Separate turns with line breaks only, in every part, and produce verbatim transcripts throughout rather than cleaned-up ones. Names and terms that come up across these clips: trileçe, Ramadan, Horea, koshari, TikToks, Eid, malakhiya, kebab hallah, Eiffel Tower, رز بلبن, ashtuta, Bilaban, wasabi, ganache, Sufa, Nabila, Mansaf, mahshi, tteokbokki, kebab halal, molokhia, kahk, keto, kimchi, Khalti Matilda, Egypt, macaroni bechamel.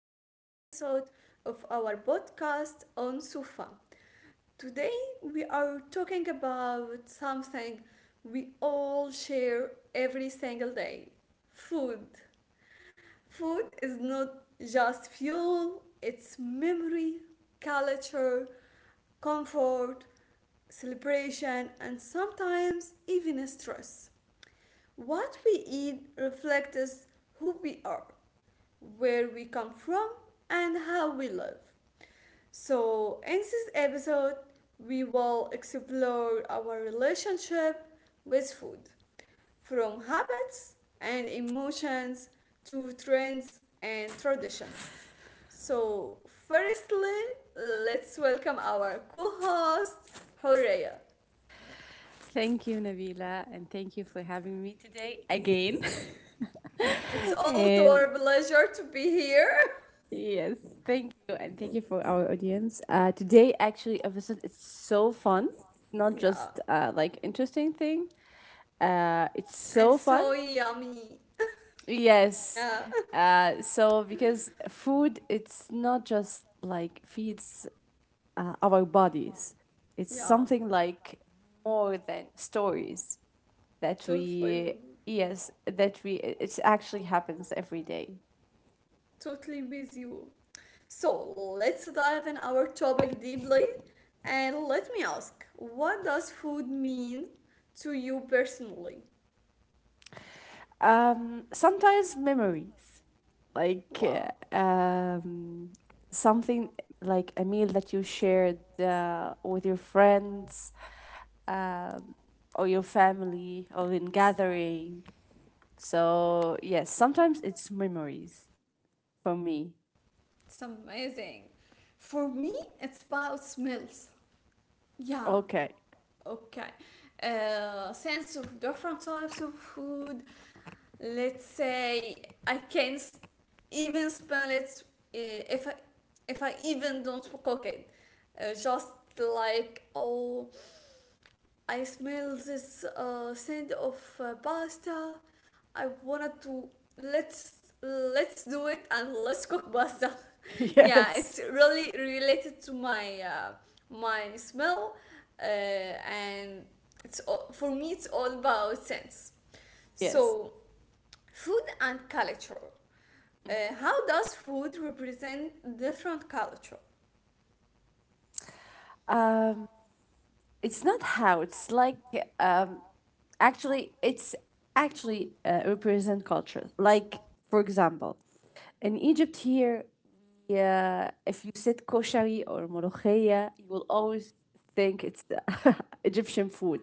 episode of our podcast on Sufa. Today, we are talking about something we all share every single day, food. Food is not just fuel, it's memory, culture, comfort, celebration, and sometimes even stress. What we eat reflects who we are, where we come from, and how we live. So, in this episode, we will explore our relationship with food from habits and emotions to trends and tradition. So, firstly, let's welcome our co host, Horea.
Thank you, Nabila, and thank you for having me today again.
It's always
and
our pleasure to be here.
yes, thank you, and thank you for our audience. Uh, today, actually, episode it's so fun. Not
Yeah.
just uh, like interesting thing. Uh, it's
And
so fun.
so yummy.
Yes.
Yeah,
Uh, so because food, it's not just like feeds uh, our bodies. It's
yeah,
something like more than stories that
totally,
we yes that we it actually happens every day.
totally with you. So let's dive in our topic deeply and let me ask, what does food mean to you personally?
Um, sometimes memories like
Wow,
uh, um, something like a meal that you shared uh, with your friends um, or your family or in gathering. So yes, sometimes it's memories for me.
it's amazing. For me, it's about smells. Yeah.
Okay.
Okay. Uh, sense of different types of food. Let's say I can even smell it, uh, if I, if I even don't cook it. Uh, just like, oh, I smell this uh, scent of uh, pasta. I wanted to let's let's do it, and let's cook pasta. Yeah,
yes.
it's really related to my uh, my smell, uh, and it's all, for me it's all about sense.
Yes.
So, food and culture. uh, how does food represent different culture?
Um, it's not how. It's like um, actually, it's actually uh, represent culture. Like for example, in Egypt here, yeah, if you said koshari or molokhia, you will always think it's the Egyptian food.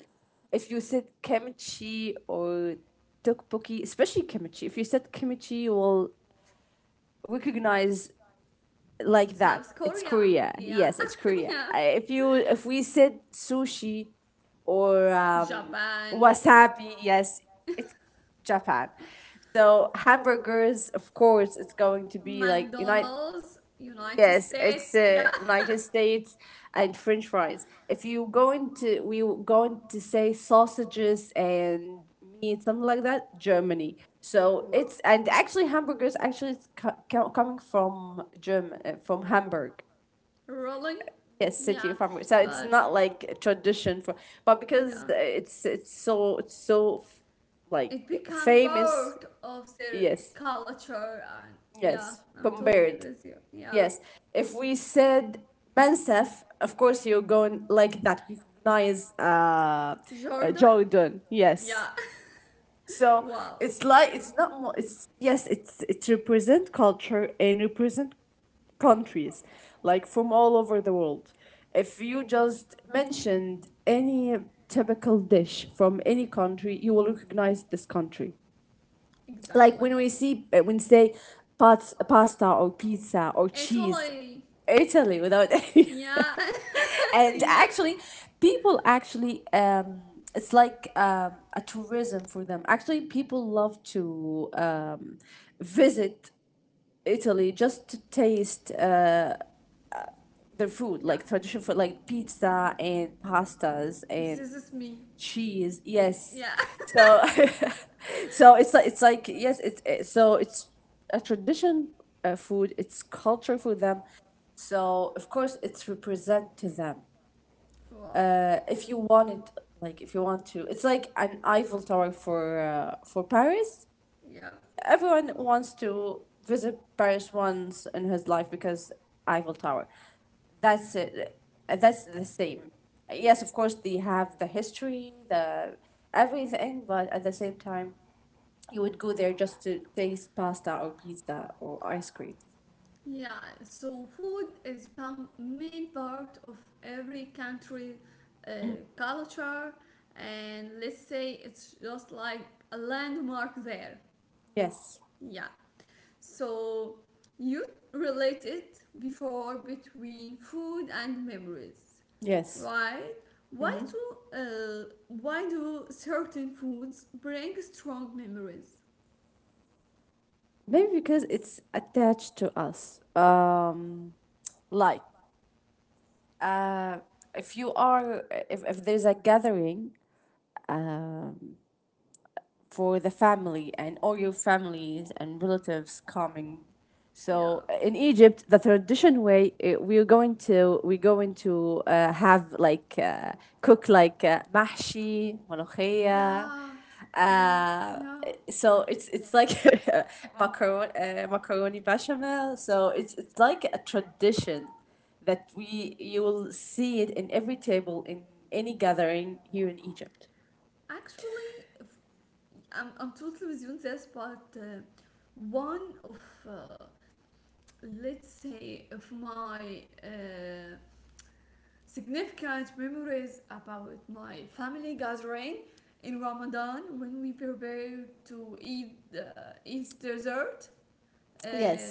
If you said kimchi or tteokbokki, especially kimchi, if you said kimchi, you will recognize like that.
South
It's
Korea.
Korea.
Yeah.
Yes, it's Korea.
Yeah.
I- If you if we said sushi or um,
Japan.
wasabi, yes, it's Japan. So hamburgers, of course, it's going to be like United.
McDonald's, United
Yes,
States.
it's
Yeah.
uh, United States and French fries. If you going to we were going to say sausages and meat something like that, Germany. So
Wow.
it's and actually hamburgers actually it's co- co- coming from German uh, from Hamburg.
Rolling.
Yes,
Yeah,
city of Hamburg. So it's
but
not like a tradition for, but because
yeah,
uh, it's it's so it's so f- like
it become
famous.
part of their
Yes,
culture. And yeah,
yes,
I'm totally
compared.
with you. Yeah.
Yes. If we said Mansaf, of course you're going like that. You recognize uh,
Nice, uh,
uh,
Jordan.
Jordan. Yes.
Yeah.
So
Wow.
it's like it's not more. It's yes. It's it represent culture and represent countries like from all over the world. If you just mentioned any typical dish from any country, you will recognize this country
Exactly.
like when we see uh, when say pats, pasta or pizza or cheese
Italy.
italy without any.
Yeah.
And
Yeah,
actually people actually um it's like um, a tourism for them actually people love to um, visit italy just to taste their food, like
yeah,
traditional food, like pizza and pastas
this
and
is me.
cheese. Yes,
Yeah.
so so it's like it's like yes, it's it, so it's a tradition uh, food. It's culture for them. So of course, it's represent to them.
Wow.
Uh, if you want it, like if you want to, it's like an Eiffel Tower for uh, for Paris,
Yep.
everyone wants to visit Paris once in his life because Eiffel Tower. That's it. Uh, That's the same. Yes, of course they have the history, the everything, but at the same time, you would go there just to taste pasta or pizza or ice cream.
Yeah, so food is become main part of every country uh, culture, and let's say it's just like a landmark there.
Yes,
Yeah, so you related before between food and memories,
yes.
right? Why do uh, why do certain foods bring strong memories?
Maybe because it's attached to us. Um, like uh, if you are if, if there's a gathering for the family and all your families and relatives coming. So
Yeah,
uh, in Egypt, the tradition way eh, we're going to we're going to uh, have like uh, cook like uh, mahshi, malakhiya.
yeah, wow,
Uh,
yeah.
so it's it's like macaroni uh, macaroni bechamel. So it's it's like a tradition that we you will see it in every table in any gathering here in Egypt.
Actually, I'm, I'm totally with you on this, but uh, one of, uh, let's say, of my uh, significant memories about my family gathering in Ramadan when we prepare to eat uh, Eid dessert. Uh,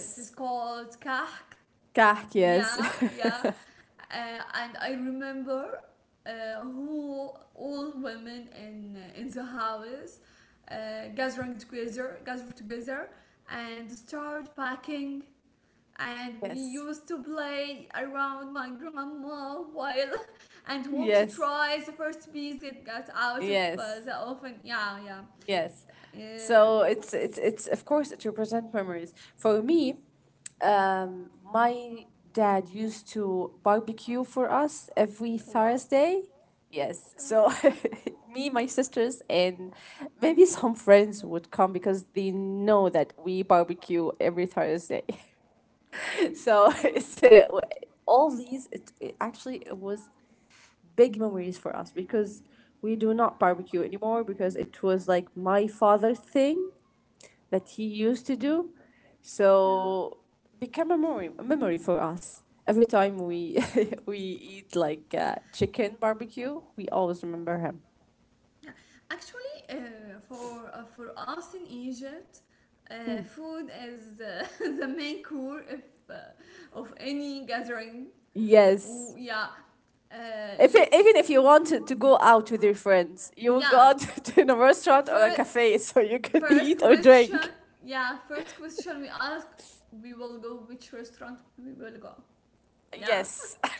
this is called kahk.
Kark, yes.
Yeah, yeah. uh, and I remember uh, who all women in uh, in the house uh, gathering together, gathered together, and start packing. And we
Yes.
used to play around my grandma while and want to
Yes.
try the first piece that got out of
Yes.
uh, the oven. Yeah, yeah.
Yes.
Uh,
So it's it's it's of course it represents memories. For me, um, my dad used to barbecue for us every
wow.
Thursday. Yes.
Uh,
So me, my sisters, and maybe some friends would come because they know that we barbecue every Thursday.
wow.
so it's uh, w- all these. It, it actually it was big memories for us because we do not barbecue anymore because it was like my father thing that he used to do.
Yeah.
So became a memory a memory for us. Every time we we eat like uh, chicken barbecue, we always remember him.
Yeah, actually, uh, for uh, for us in Egypt, uh, food is uh, the main core of uh, of any gathering.
Yes.
Oh, yeah, uh,
If it,
let's see.
even if you wanted to go out with your friends, you would go
Yeah,
out to a restaurant or a
first
cafe so you could
first
eat or drink.
question. Yeah, first question we ask, we will go which restaurant we will go. Yeah.
Yes.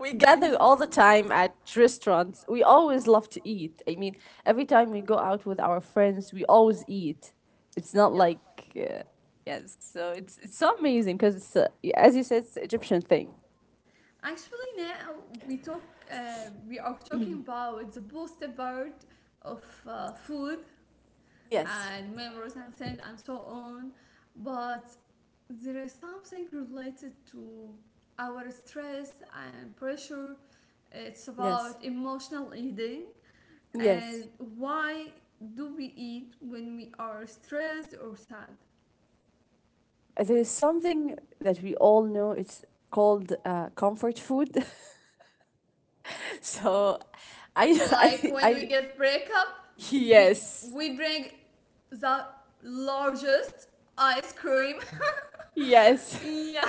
we gather all the
Exactly.
time at restaurants. We always love to eat. I mean, every time we go out with our friends, we always eat. It's not
Yeah.
like uh, yes, so it's it's so amazing because it's uh, y- as you said, it's an Egyptian thing.
Actually, now we talk. Uh, we are talking about the positive part of uh, food
Yes,
and memories and things and so on, but there is something related to our stress and pressure. It's about
yes,
emotional eating, and
yes.
why do we eat when we are stressed or sad?
Uh, There is something that we all know. It's called uh, comfort food. so, I,
Like when
I,
we
I,
get breakup, we
yes,
we bring the largest ice cream.
yes.
Yeah.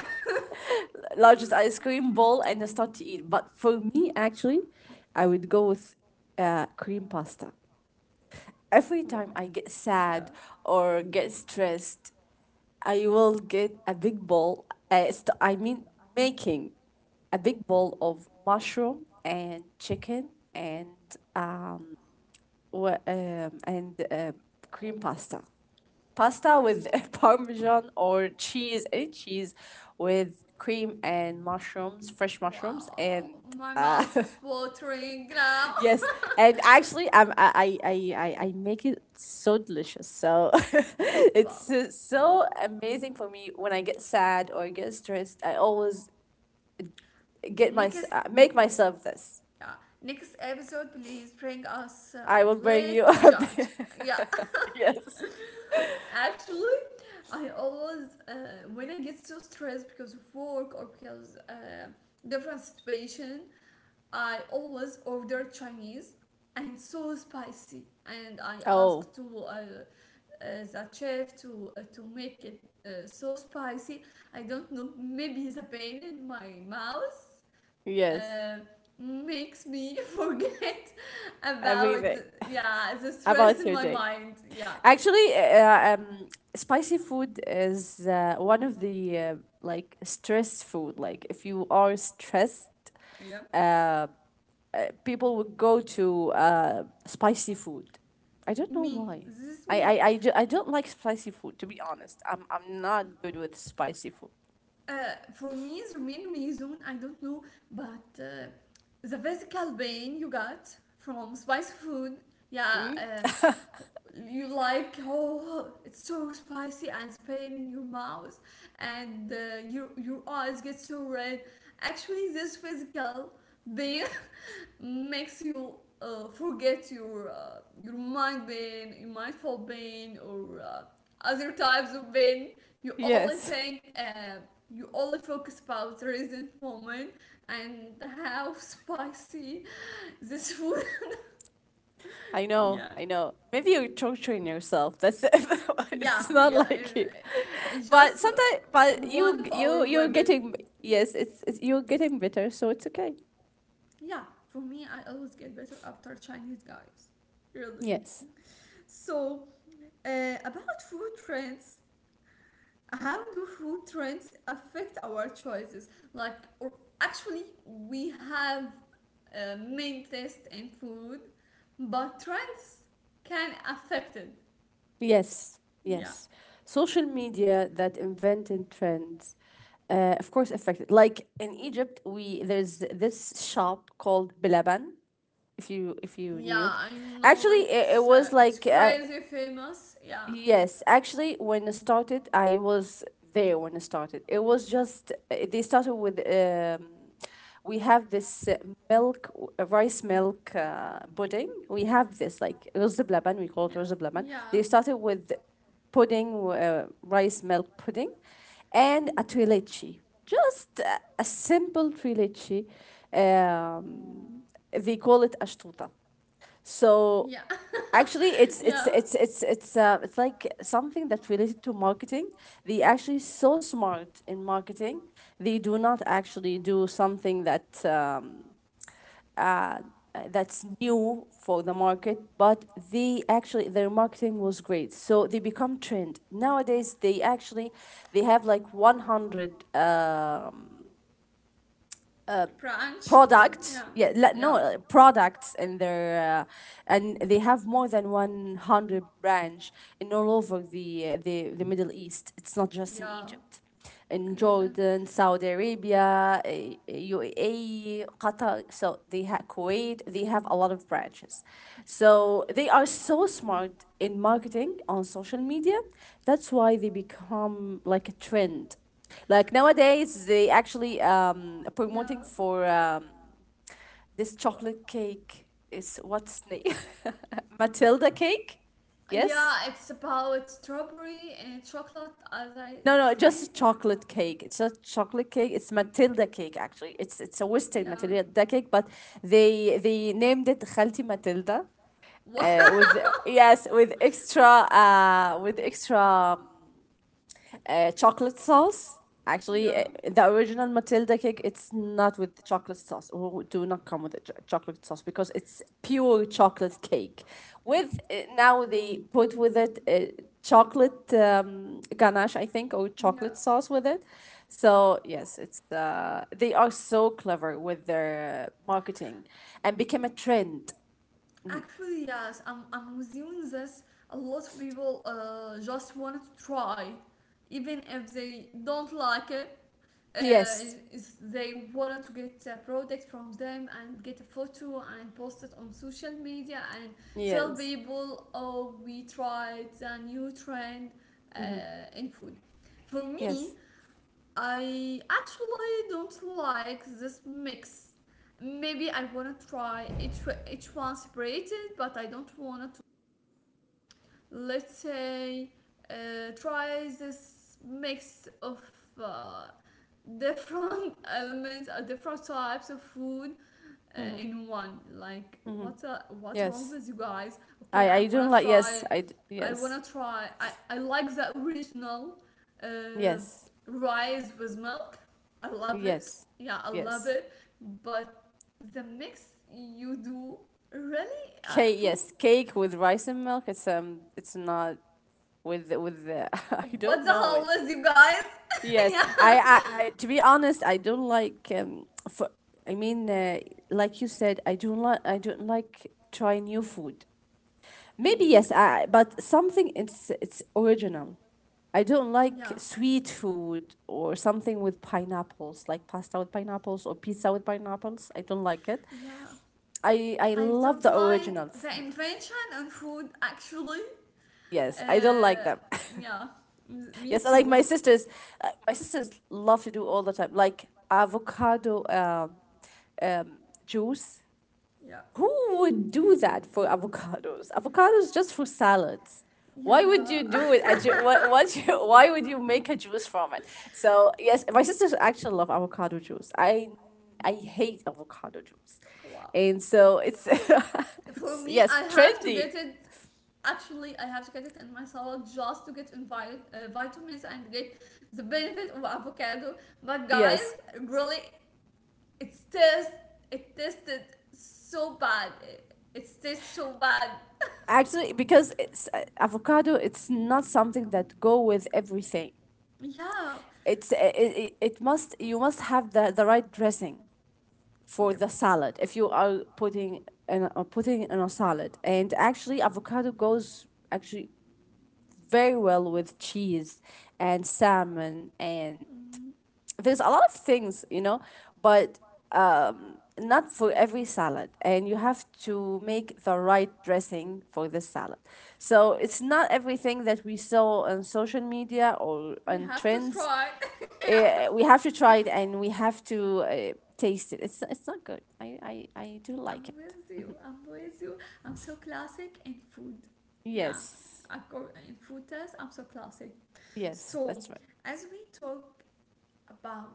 largest ice cream bowl and start to eat. But for me, actually, I would go with uh, cream pasta. Every
Wow.
time I get
Yeah.
sad or get stressed, I will get a big bowl. Uh, st- I mean, making a big bowl of mushroom and chicken and um, wha- um and uh, cream pasta pasta with parmesan or cheese, any cheese with cream and mushrooms, fresh mushrooms, and
Wow, my
uh,
mouth is watering now.
yes, and actually, um, I, I, I, I I make it so delicious. So
Wow.
it's uh,
Wow.
so amazing for me when I get sad or get stressed. I always get my
Next,
uh, make myself this.
yeah, next episode, please bring us uh,
I
a
will bring you
plate to
up.
judge. Yeah.
yes.
Actually, I always, uh, when I get so stressed because of work or because uh, different situation, I always order Chinese and so spicy, and I
Oh
ask to uh, uh, that chef to uh, to make it uh, so spicy. I don't know. Maybe the pain in my mouth
yes,
uh, makes me forget about,
everything.
yeah, the stress
About
in
your
my
day.
mind. Yeah,
Actually, uh, uh, um, spicy food is uh, one of the uh, like stress food. Like if you are stressed,
yeah.
uh, uh, people would go to uh, spicy food. I don't know
Me,
why.
this is
I,
me.
I, I, do, I don't like spicy food to be honest. I'm I'm not good with spicy food.
Uh, for me, the main reason I don't know, but uh, the physical pain you got from spicy food. Yeah,
Mm?
uh, you like, oh, it's so spicy and pain in your mouth, and uh, your your eyes get so red. Actually, this physical pain makes you uh, forget your uh, your mind pain, your mindful pain, or uh, other types of pain. You only
Yes.
think, uh, you only focus about the present moment, and how spicy this food.
I know,
Yeah.
I know. Maybe you torturing yourself. That's it.
Yeah,
it's not
yeah,
like it.
and, and
But
just uh,
sometimes, but
one
you,
of our
you, you're
women.
getting yes. It's, it's you're getting better, so it's okay.
Yeah, for me, I always get better after Chinese, guys, really.
Yes,
So, uh, about food trends, how do food trends affect our choices? Like, or actually, we have uh, main taste in food, but trends can affect it.
yes,
Yeah,
yes. Social media that invented trends, uh, of course, affected. Like in Egypt, we there's this shop called Bilaban. If you if you
yeah,
knew it,
I know
actually, it, it
it's uh,
was
it's
like uh,
crazy famous. Yeah.
yes, actually, when I started, I was there when I started. It was just uh, they started with um, we have this uh, milk, w- uh, rice milk uh, pudding. We have this like رز بلبن. We call
Yeah.
it رز بلبن.
Yeah.
They started with pudding, uh, rice milk pudding, and a trileçe. Just a, a simple trileçe. Um, they call it ashtuta.
Yeah.
So actually it's
Yeah.
it's it's it's it's uh, it's like something that's related to marketing, they actually so smart in marketing, they do not actually do something that um, uh, that's new for the market, but they actually their marketing was great, so they become trend nowadays. They actually they have like one hundred um,
Pranch. Yeah.
product yeah le-
Yeah.
no uh, products in their uh, and they have more than one hundred branch in all over the, uh, the the middle east. It's not just in
Yeah.
egypt, in
Exactly.
jordan, saudi arabia, uh, uae, qatar, so they have kuwait, they have a lot of branches. So they are so smart in marketing on social media, that's why they become like a trend. Like nowadays, they actually um
Yeah.
promoting for um, this
Well,
chocolate cake. Is what's name? Matilda cake? Yes.
yeah, it's about strawberry and chocolate, as I
No, no, just
think.
a
Yeah.
chocolate cake. It's not chocolate cake. It's Matilda cake actually. It's it's a Western
Yeah.
Matilda cake, but they they named it Khalti Matilda. Uh, with yes, with extra uh, with extra um, uh, chocolate sauce. Actually,
Yeah.
uh, the original Matilda cake, it's not with chocolate sauce. Oh, do not come with the ch- chocolate sauce because it's pure chocolate cake. With uh, now they put with
Z-
it uh, chocolate um, ganache, I think, or
yeah.
chocolate sauce with it. So yes, it's uh, they are so clever with their marketing, and became a trend.
Actually, yes, I'm, I'm assuming this. A lot of people uh, just want to try, even if they don't like it. Uh,
Yes,
is- is They wanted to get a product from them and get a photo and post it on social media and tell
yes.
people, oh, we tried a new trend uh,
Mm-hmm.
in food. For me,
Yes.
I actually don't like this mix. Maybe I wanna try each each one separated, but I don't wanna to, let's say, uh, try this mix of uh, different elements or different types of food uh, in one. Like, what's uh, what's wrong
Yes.
with you guys? Okay,
I
I
I don't
want to
like
try.
yes. I d-
i
yes.
want to try I, I like the original uh,
Yes,
rice with milk. I love it,
yes,
yeah, I love
yes.
it. But the mix you do, really, uh,
Cake,
for.
yes, cake with rice and milk. It's um, it's not with the- with the. I
What
don't
the
know
hell
it.
was you guys?
Yes,
Yeah.
I, I, I to be honest, I don't like um. For, I mean, uh, like you said, I don't like I don't like try new food.
Yeah.
Maybe yes, I, but something it's it's original. I don't
Yeah.
like sweet food or something with pineapples, like pasta with pineapples or pizza with pineapples. I don't like it.
Yeah.
I
I
I
don't
love the
like
original
the
food.
invention on food actually.
Yes, I don't
Uh,
like them.
yeah. Me
yes, I
too.
like
Huh?
my sisters, uh, my sisters love to do all the time, like avocado um, juice.
Yeah.
Who would do that for avocados? Avocados just for salads. Why would
Yeah.
you do it? A ju- what, what you, why would you make a juice from it? So yes, my sisters actually love avocado juice. I I hate avocado juice,
Wow.
and so it's
For
it's
me, I
yes
have to get
trendy.
it. Actually, I have to get it in my salad just to get invite, uh, vitamins and get the benefit of avocado. But
Yes,
guys, really, it tastes. It tasted so bad. It, it tastes so bad.
actually because it's uh, avocado it's not something that go with everything.
Yeah.
It's uh, it, it, it must you must have the, the right dressing for
Yep.
the salad if you are putting in, uh, putting in a salad. And actually avocado goes actually very well with cheese and salmon, and
Mm.
there's a lot of things, you know, but um, not for every salad. And you have to make the right dressing for the salad. So it's not everything that we saw on social media or
We
on
have to
trends.
try it. Yeah.
Uh, we have to try it and we have to uh, taste it. It's, it's not good. I, I, I do
I'm
like it.
with you. I'm with you. I'm so classic in food. Yeah.
Yes.
I go in food test, I'm so classic.
Yes,
So,
that's right.
as we talk about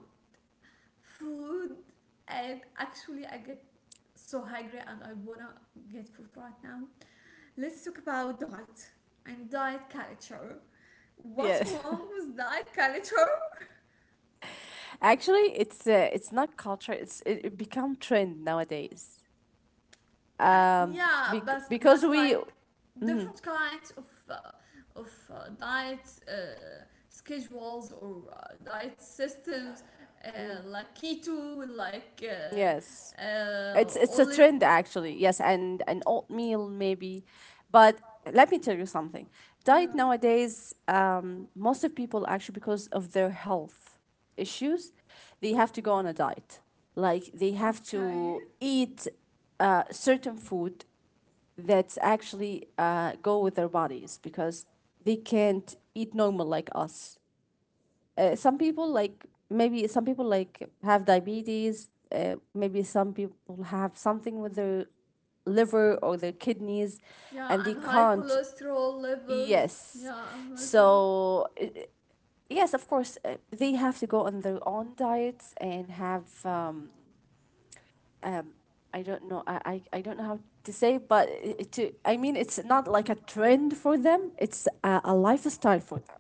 food, and actually, I get so hungry and I wanna get food right now. Let's talk about diet and diet culture. What's
Yes.
wrong with diet culture?
Actually, it's uh, it's not culture. It's it, it become trend nowadays.
Uh,
um
yeah, but
bec-
but
because we
like
mhm,
different kinds of uh, of uh, diet uh, schedules, or uh, diet systems, uh, like keto, like uh,
yes
uh,
it's it's a
olive.
trend actually. Yes, and an oatmeal maybe, but let me tell you something.
Yeah.
Diet nowadays, um, most of people actually because of their health issues, they have to go on a diet. Like they have
Okay.
to eat uh, certain food that's actually uh, go with their bodies, because they can't eat normal like us. Uh, some people like, maybe some people like have diabetes, uh, maybe some people have something with their liver or their kidneys,
Yeah,
and they
and high
can't,
cholesterol levels.
yes.
Yeah, I'm with you.
So uh, yes, of course uh, they have to go on their own diets and have um, um, I don't know. I, I, I don't know how to say, but it, to I mean it's not like a trend for them, it's a, a lifestyle for them.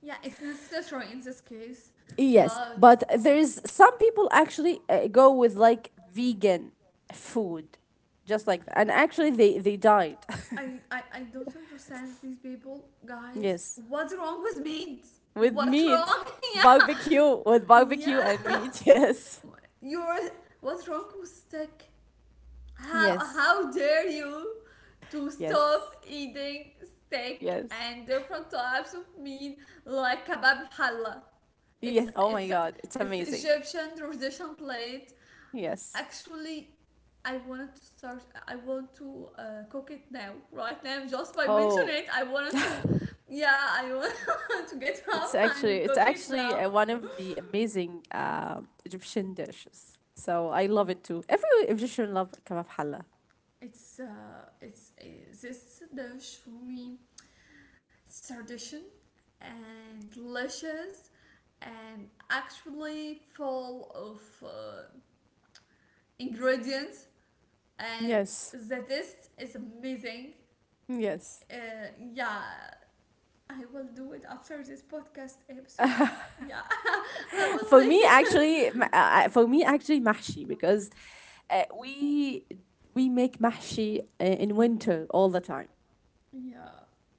Yeah, it's necessary in this case,
Yes,
but
but there is some people actually uh, go with like vegan food, just like that. And actually, they they died.
I, I I don't understand these people, guys.
yes,
What's wrong with me?
with
What's
meat,
wrong?
barbecue, with
Yeah,
barbecue and
yeah.
meat.
You're what's wrong with steak?
Yes,
How
yes,
how dare you to
yes,
stop eating steak
yes,
and different types of meat like kebab halal?
yes.
It's
Oh my
it's
God, it's
it's
amazing.
Egyptian tradition plate.
Yes.
Actually, I wanted to start. I want to uh, cook it now, right now, just by
Oh,
mentioning it. I wanted to, yeah, I want to get
it's
up
actually
and
it's
cook it
actually uh,
now.
one of the amazing uh, Egyptian dishes. So I love it too. Every Egyptian love kebab hallah.
It's uh, it's uh, This dish for me. It's tradition and delicious, and actually full of uh, ingredients, and
Yes.
the taste is amazing.
Yes.
Uh, yeah, I will do it after this podcast episode. Yeah, I will
For me actually
make
m- uh, uh, for me actually mahshi, because uh, we we make mahshi uh, in winter all the time.
it. Yeah,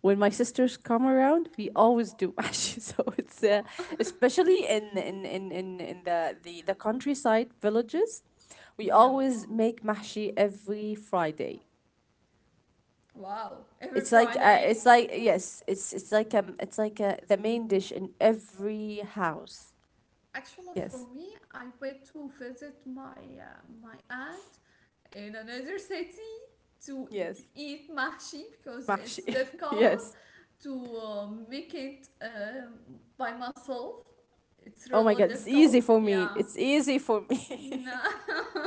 When my sisters come around we always do mahshi, so it's uh,
wow.
especially in in, in, in, in the, the the countryside villages we
Yeah,
always make mahshi every Friday.
wow. Every
It's like, uh,
Friday.
it's like yes, it's it's like, um it's like uh, the main dish in every house.
Actually, for
Yes.
me, I went to visit my uh, my aunt in another city to
Yes,
eat mahshi because it's
mahshi,
difficult
yes.
to uh, make it uh, by myself. It's
Oh my
really
God, it's easy
difficult.
for me.
Yeah.
It's easy for me.
No,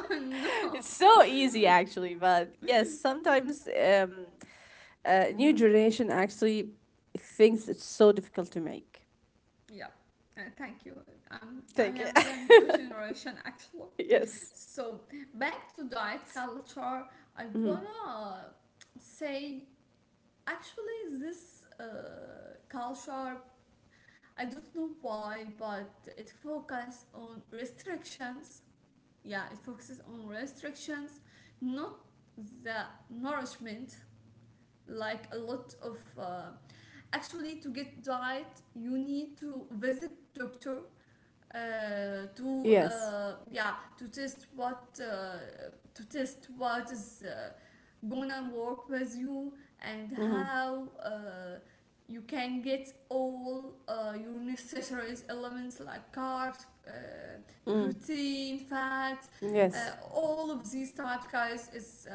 no.
it's so easy actually. But yes, sometimes, um uh, new generation actually thinks it's so difficult to make.
Yeah, uh, thank you. Um, I
Thank you.
am the new generation actually.
yes.
So back to diet culture, I
Hmm.
wanna say actually this uh, culture, I don't know why, but it focuses on restrictions. Yeah, it focuses on restrictions, not the nourishment. Like a lot of, uh, actually to get diet, you need to visit doctor, uh, to
Yes.
uh, yeah, to test what, uh, to test what is uh, gonna work with you, and
Hmm.
how uh, you can get all uh, your necessary elements like carbs, uh,
Hmm.
protein, fats, uh,
Yes.
all of these types, guys, is uh,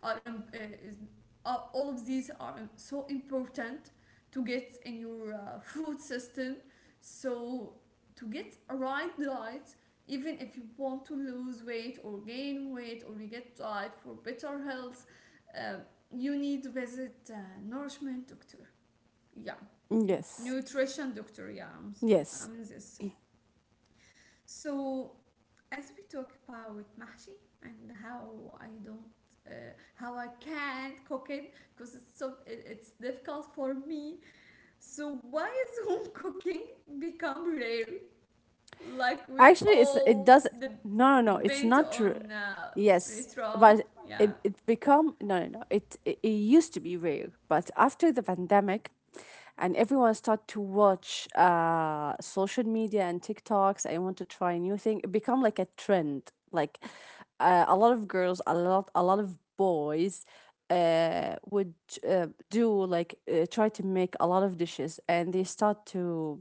are um, uh, is are all of these are um, so important to get in your uh, food system. So to get a right diet, even if you want to lose weight or gain weight or you get diet for better health, uh, you need to visit uh, nourishment doctor. Yeah,
Yes.
nutrition doctor. Yeah, I'm, I'm
Yes.
in this. So as we talk about mahshi and how I don't, uh, how I can't cook it because it's so it, it's difficult for me. So why is home cooking become rare? Like we
Actually, it's it
all
does.
the
No, no, no. It's
depend
not true.
on uh,
Yes,
restaurant.
but
Yeah,
it it become no, no, no. It it, it used to be rare, but after the pandemic, and everyone start to watch uh social media and TikToks, I want to try new thing. It become like a trend. Like, uh, a lot of girls, a lot a lot of boys Uh, would uh, do like, uh, try to make a lot of dishes, and they start to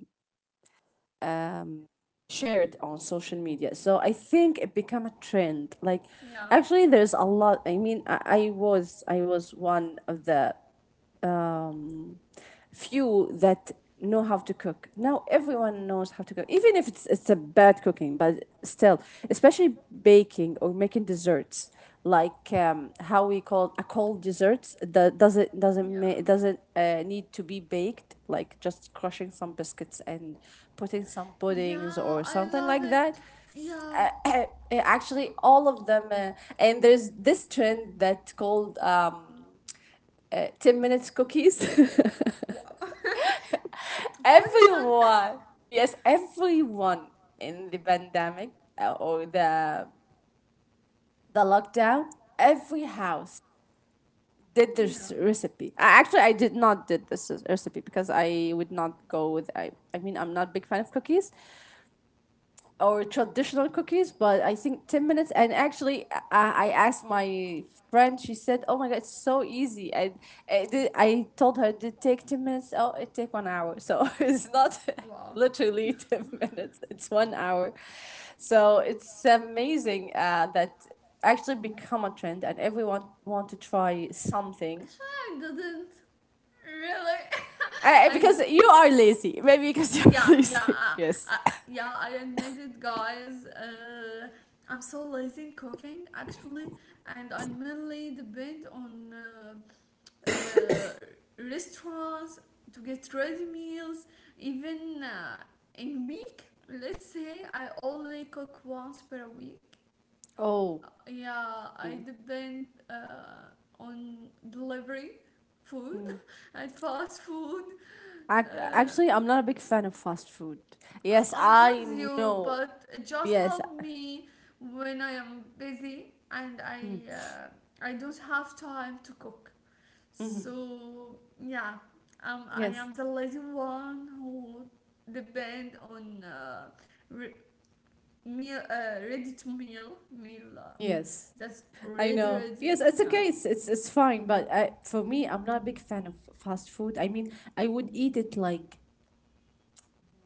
shared on social media. So I think it became a trend. Like,
yeah.
actually there's a lot. I mean, I, I was I was one of the few that know how to cook. Now everyone knows how to cook, even if it's it's a bad cooking. But still, especially baking or making desserts, like, um, how we call, a cold dessert that doesn't doesn't ma-
Yeah.
it doesn't uh, need to be baked, like just crushing some biscuits and putting some
Yeah,
puddings or
I
something
love
like that.
it. Yeah.
uh, Actually all of them, uh, and there's this trend that's called um, ten minutes cookies.
Wow. Kodi-san.
everyone, yes, everyone in the pandemic uh, or the the lockdown, every house did
Yeah.
this recipe. I, actually I did not did this recipe, because I would not go with I, i mean I'm not a big fan of cookies or traditional cookies. But I think ten minutes. And actually, I, I asked my friend, she said, "Oh my God, it's so easy." And I, did, I told her, "Did it did take ten minutes?" Oh, it take one hour. So it's not
Wow.
literally ten minutes, it's one hour. So it's amazing uh, that actually become a trend and everyone want to try something.
Actually, I didn't really.
I,
I. D-
because you are lazy, maybe, because
yeah,
you're
yeah,
lazy.
uh,
Yes.
uh, yeah. I admit it, guys. Uh, I'm so lazy in cooking, actually, and I mainly depend on uh, uh, restaurants to get ready meals even uh, in week, let's say I only cook once per week. Uh,
Oh.
yeah, I depend uh, on delivery food and fast food.
Ac-
uh,
Actually, I'm not a big fan of fast food. Yes,
I am with
I
you,
know.
but it just
Yes,
help me when I am busy and I uh, I don't have time to cook. So yeah, um, I
yes,
am the lazy one who depend on uh, re- meal, uh, ready to meal, meal uh,
yes.
that's
I
already
know.
ready.
Yes, it's
Yeah.
okay. It's it's, it's fine. But I, for me, I'm not a big fan of fast food. I mean, I would eat it like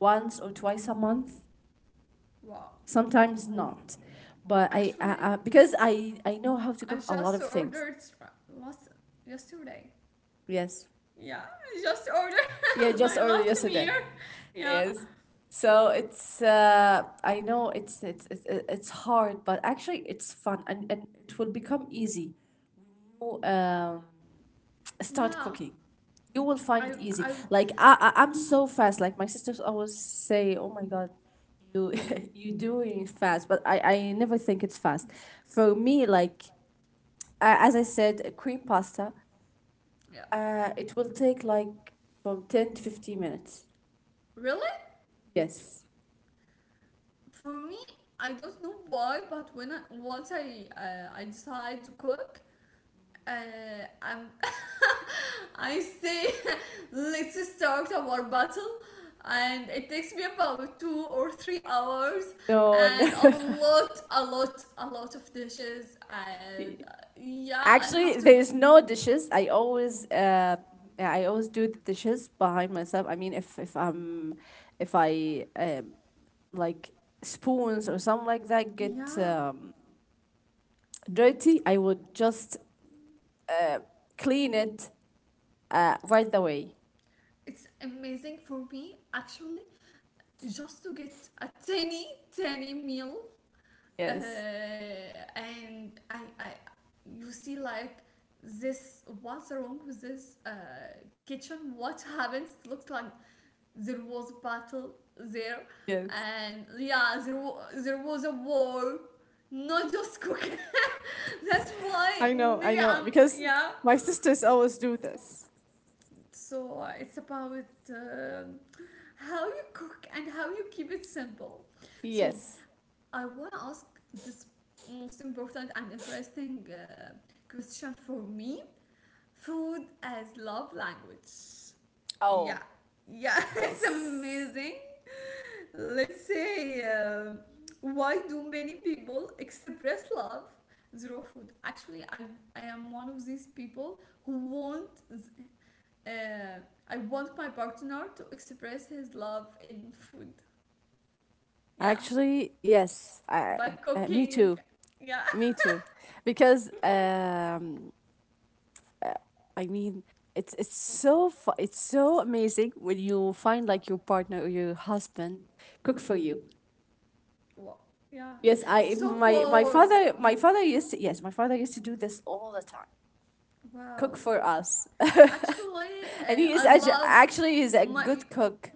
once or twice a month.
Wow.
Sometimes not. But I,
Actually,
I, I because I I know how to
I
cook a lot
just
of things.
ordered r- last yesterday.
Yes.
Yeah, I just ordered
Yeah, just
my
ordered
last meal.
yesterday.
Yeah.
Yes. So it's uh I know it's it's it's it- it's hard, but actually it's fun, and and it will become easy. You, Um, Start
Yeah.
cooking. You will find
I
it easy.
I
Like, I, I I'm so fast. Like my sisters always say, "Oh my God, you you doing fast." But I I never think it's fast. For me, like uh, as I said, cream pasta,
Yeah.
Uh, it will take like from ten to fifteen minutes.
Really?
Yes.
For me, I don't know why, but when I, once I uh, I decide to cook, uh, I'm I say let's start our battle, and it takes me about two or three hours,
No, no.
and a lot, a lot, a lot of dishes, and uh, yeah, I have
Actually,
to, c-
there's no dishes. I always uh yeah, I always do the dishes behind myself. I mean, if if I'm, if I um like spoons or something like that get
Yeah,
um, dirty, I would just uh, clean it uh, right away.
it's amazing for me actually just to get a tiny, tiny meal, uh,
Yes.
and I, I you see, like, this what's wrong with this uh, kitchen, what happens? Looks like there was a battle there,
Yes.
and yeah, there, wa- there was a war, not just cooking. That's why
I know,
maybe
I
I'm
know, because
yeah
my sisters always do this.
so uh, it's about um how you cook and how you keep it simple. So
Yes.
I want to ask this most important and interesting uh, question for me: food as love language.
Oh,
Yeah, yeah, it's
yes.
amazing. Let's say, um why do many people express love through food? Actually, I, I am one of these people who want. Uh, I want my partner to express his love in food. Yeah,
Actually, yes. I,
by
uh, me too.
cooking. Yeah.
Me too, because um, uh, I mean, it's it's so fu- it's so amazing when you find like your partner or your husband cook for you.
Wow. Yeah.
Yes,
It's
I
so
my my
warm.
father my father used to yes my father used to do this all the time,
Wow.
cook for us,
Actually,
and he
uh,
is
I
actu-
love
actually he's a
my
good cook.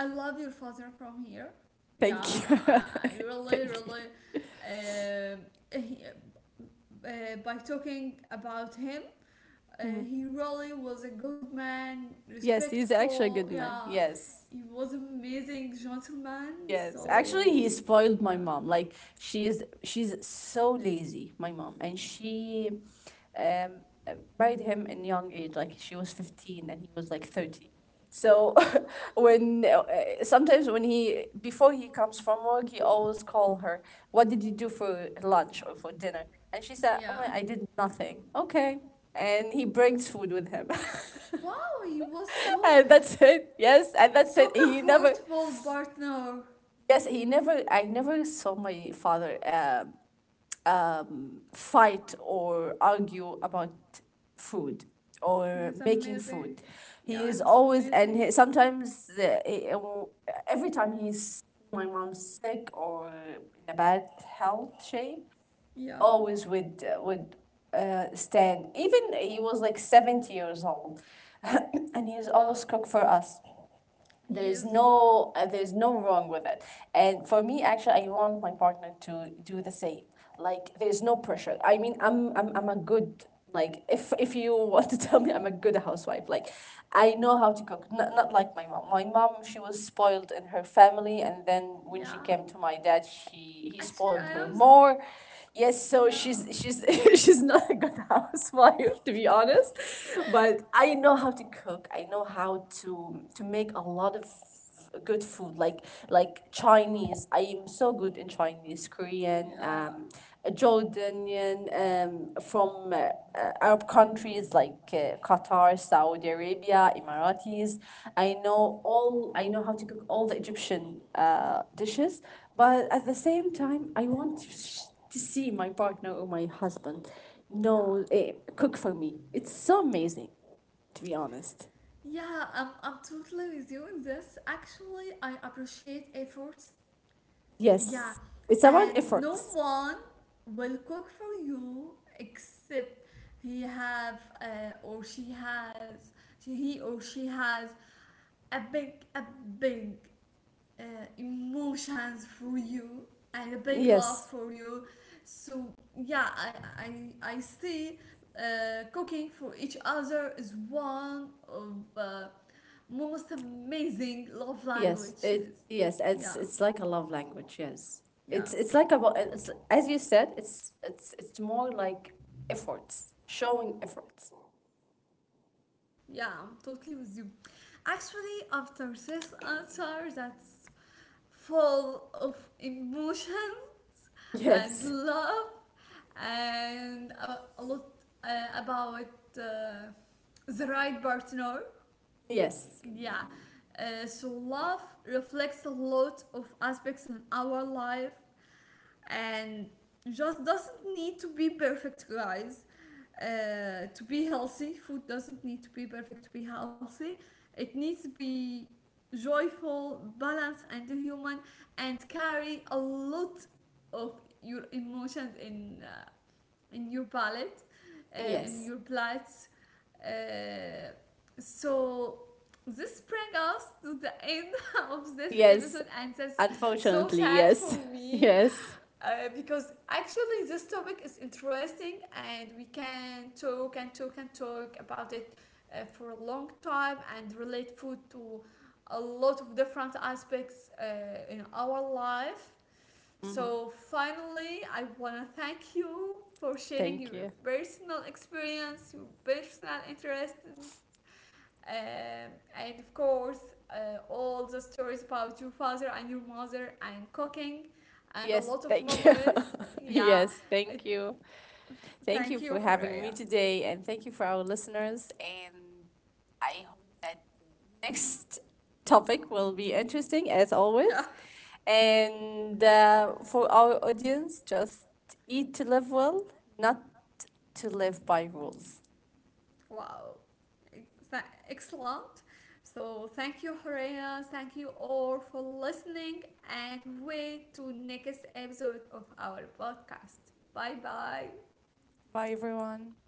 I love your father from here. Yeah,
Thank you,
I, I really
thank you.
really uh, he, uh, by talking about him, uh, he really was a good man,
Yes, he's actually a
respectful.
good man.
Yeah.
Yes.
He was amazing gentleman.
Yes, actually, he
So,
spoiled my
yeah.
mom. Like, she's she's so lazy, my mom, and she, um, married him in young age. Like she was fifteen and he was like thirty. So
Wow.
when uh, sometimes when he, before he comes from work, he always call her. "What did you do for lunch or for dinner?" And she said, "Oh
Yeah.
my, I did nothing." Okay, and he brings food with him,
Wow, he was so.
and that's it. Yes, and that's
So
it. He never,
comfortable partner.
yes, he never. I never saw my father um fight or argue about food
He
or
is
making
amazing.
food. He
Yeah,
is
he he's
always, and
amazing.
he, sometimes uh, he- every time he's my mom's sick or in a bad health shape,
Yeah.
always would would uh, stand. Even he was like seventy years old, and he's always
Wow.
cook for us. There
He
is
is. Uh,
no uh, there is no wrong with it. And for me actually I want my partner to do the same. Like, there's no pressure. I mean, i'm i'm, I'm a good, like, if if you want to tell me I'm a good housewife, like, I know how to cook. Not, not like my mom. My mom, she was spoiled in her family, and then when she
yeah.
came to my dad, she he
Actually,
spoiled her
I am. S-
more. Yes, so
Yeah.
she's she's she's not a good housewife, to be honest. But I know how to cook. I know how to to to make a lot of good food, like like Chinese. I am so good in Chinese, Korean,
Yeah.
um, Jordanian, um, from uh, uh, Arab countries like uh, Qatar, Saudi Arabia, Emiratis. I know all. I know how to cook all the Egyptian uh, dishes. But at the same time, I want to, sh- to see my partner or my husband
Yeah.
know eh, cook for me. It's so amazing, to be honest.
Yeah, I'm, I'm totally with you in this. Actually, I appreciate efforts. Yeah,
Yes. It's about
and no
efforts.
one will cook for you except he have uh, or she has, he or she has, a big a big uh, emotions for you and a big love
Yes.
for you. So yeah, I I I see uh, cooking for each other is one of uh, most amazing love
Yes, it,
languages.
yes, it's
Yeah,
it's like a love language. Yes,
yeah.
it's it's like about it's, as you said, it's it's it's more like efforts, showing efforts.
Yeah, I'm totally with you. Actually, after this answer that's full of emotions and
Yes.
love and a, a lot uh, about uh, the right partner,
Yes,
yeah. Uh, so, love reflects a lot of aspects in our life, and just doesn't need to be perfect, guys. Uh, to be healthy, food doesn't need to be perfect to be healthy. It needs to be joyful, balanced, and human, and carry a lot of your emotions in uh, in your palate, uh, in
yes,
your plates. Uh, so this brings us to the end of this
yes.
episode, and that's so
Unfortunately,
sad for
yes.
me,
Yes.
uh, because actually this topic is interesting and we can talk and talk and talk about it uh, for a long time, and relate food to a lot of different aspects uh, in our life. So finally I want to thank you for sharing
Thank
your
you.
personal experience, your personal interest in, um, and of course, uh, all the stories about your father and your mother and cooking, and a
Yes,
lot of
thank you.
memories. Yeah,
yes, thank
it,
you. Thank
thank
you
you,
for having me
Horea.
today, and thank you for our listeners. And I hope that next topic will be interesting as
Yeah,
always. And uh, for our audience, just eat to live well, not to live by rules.
wow, excellent. So thank you, Horea. Thank you all for listening, and wait to next episode of our podcast. Bye bye.
Bye, everyone.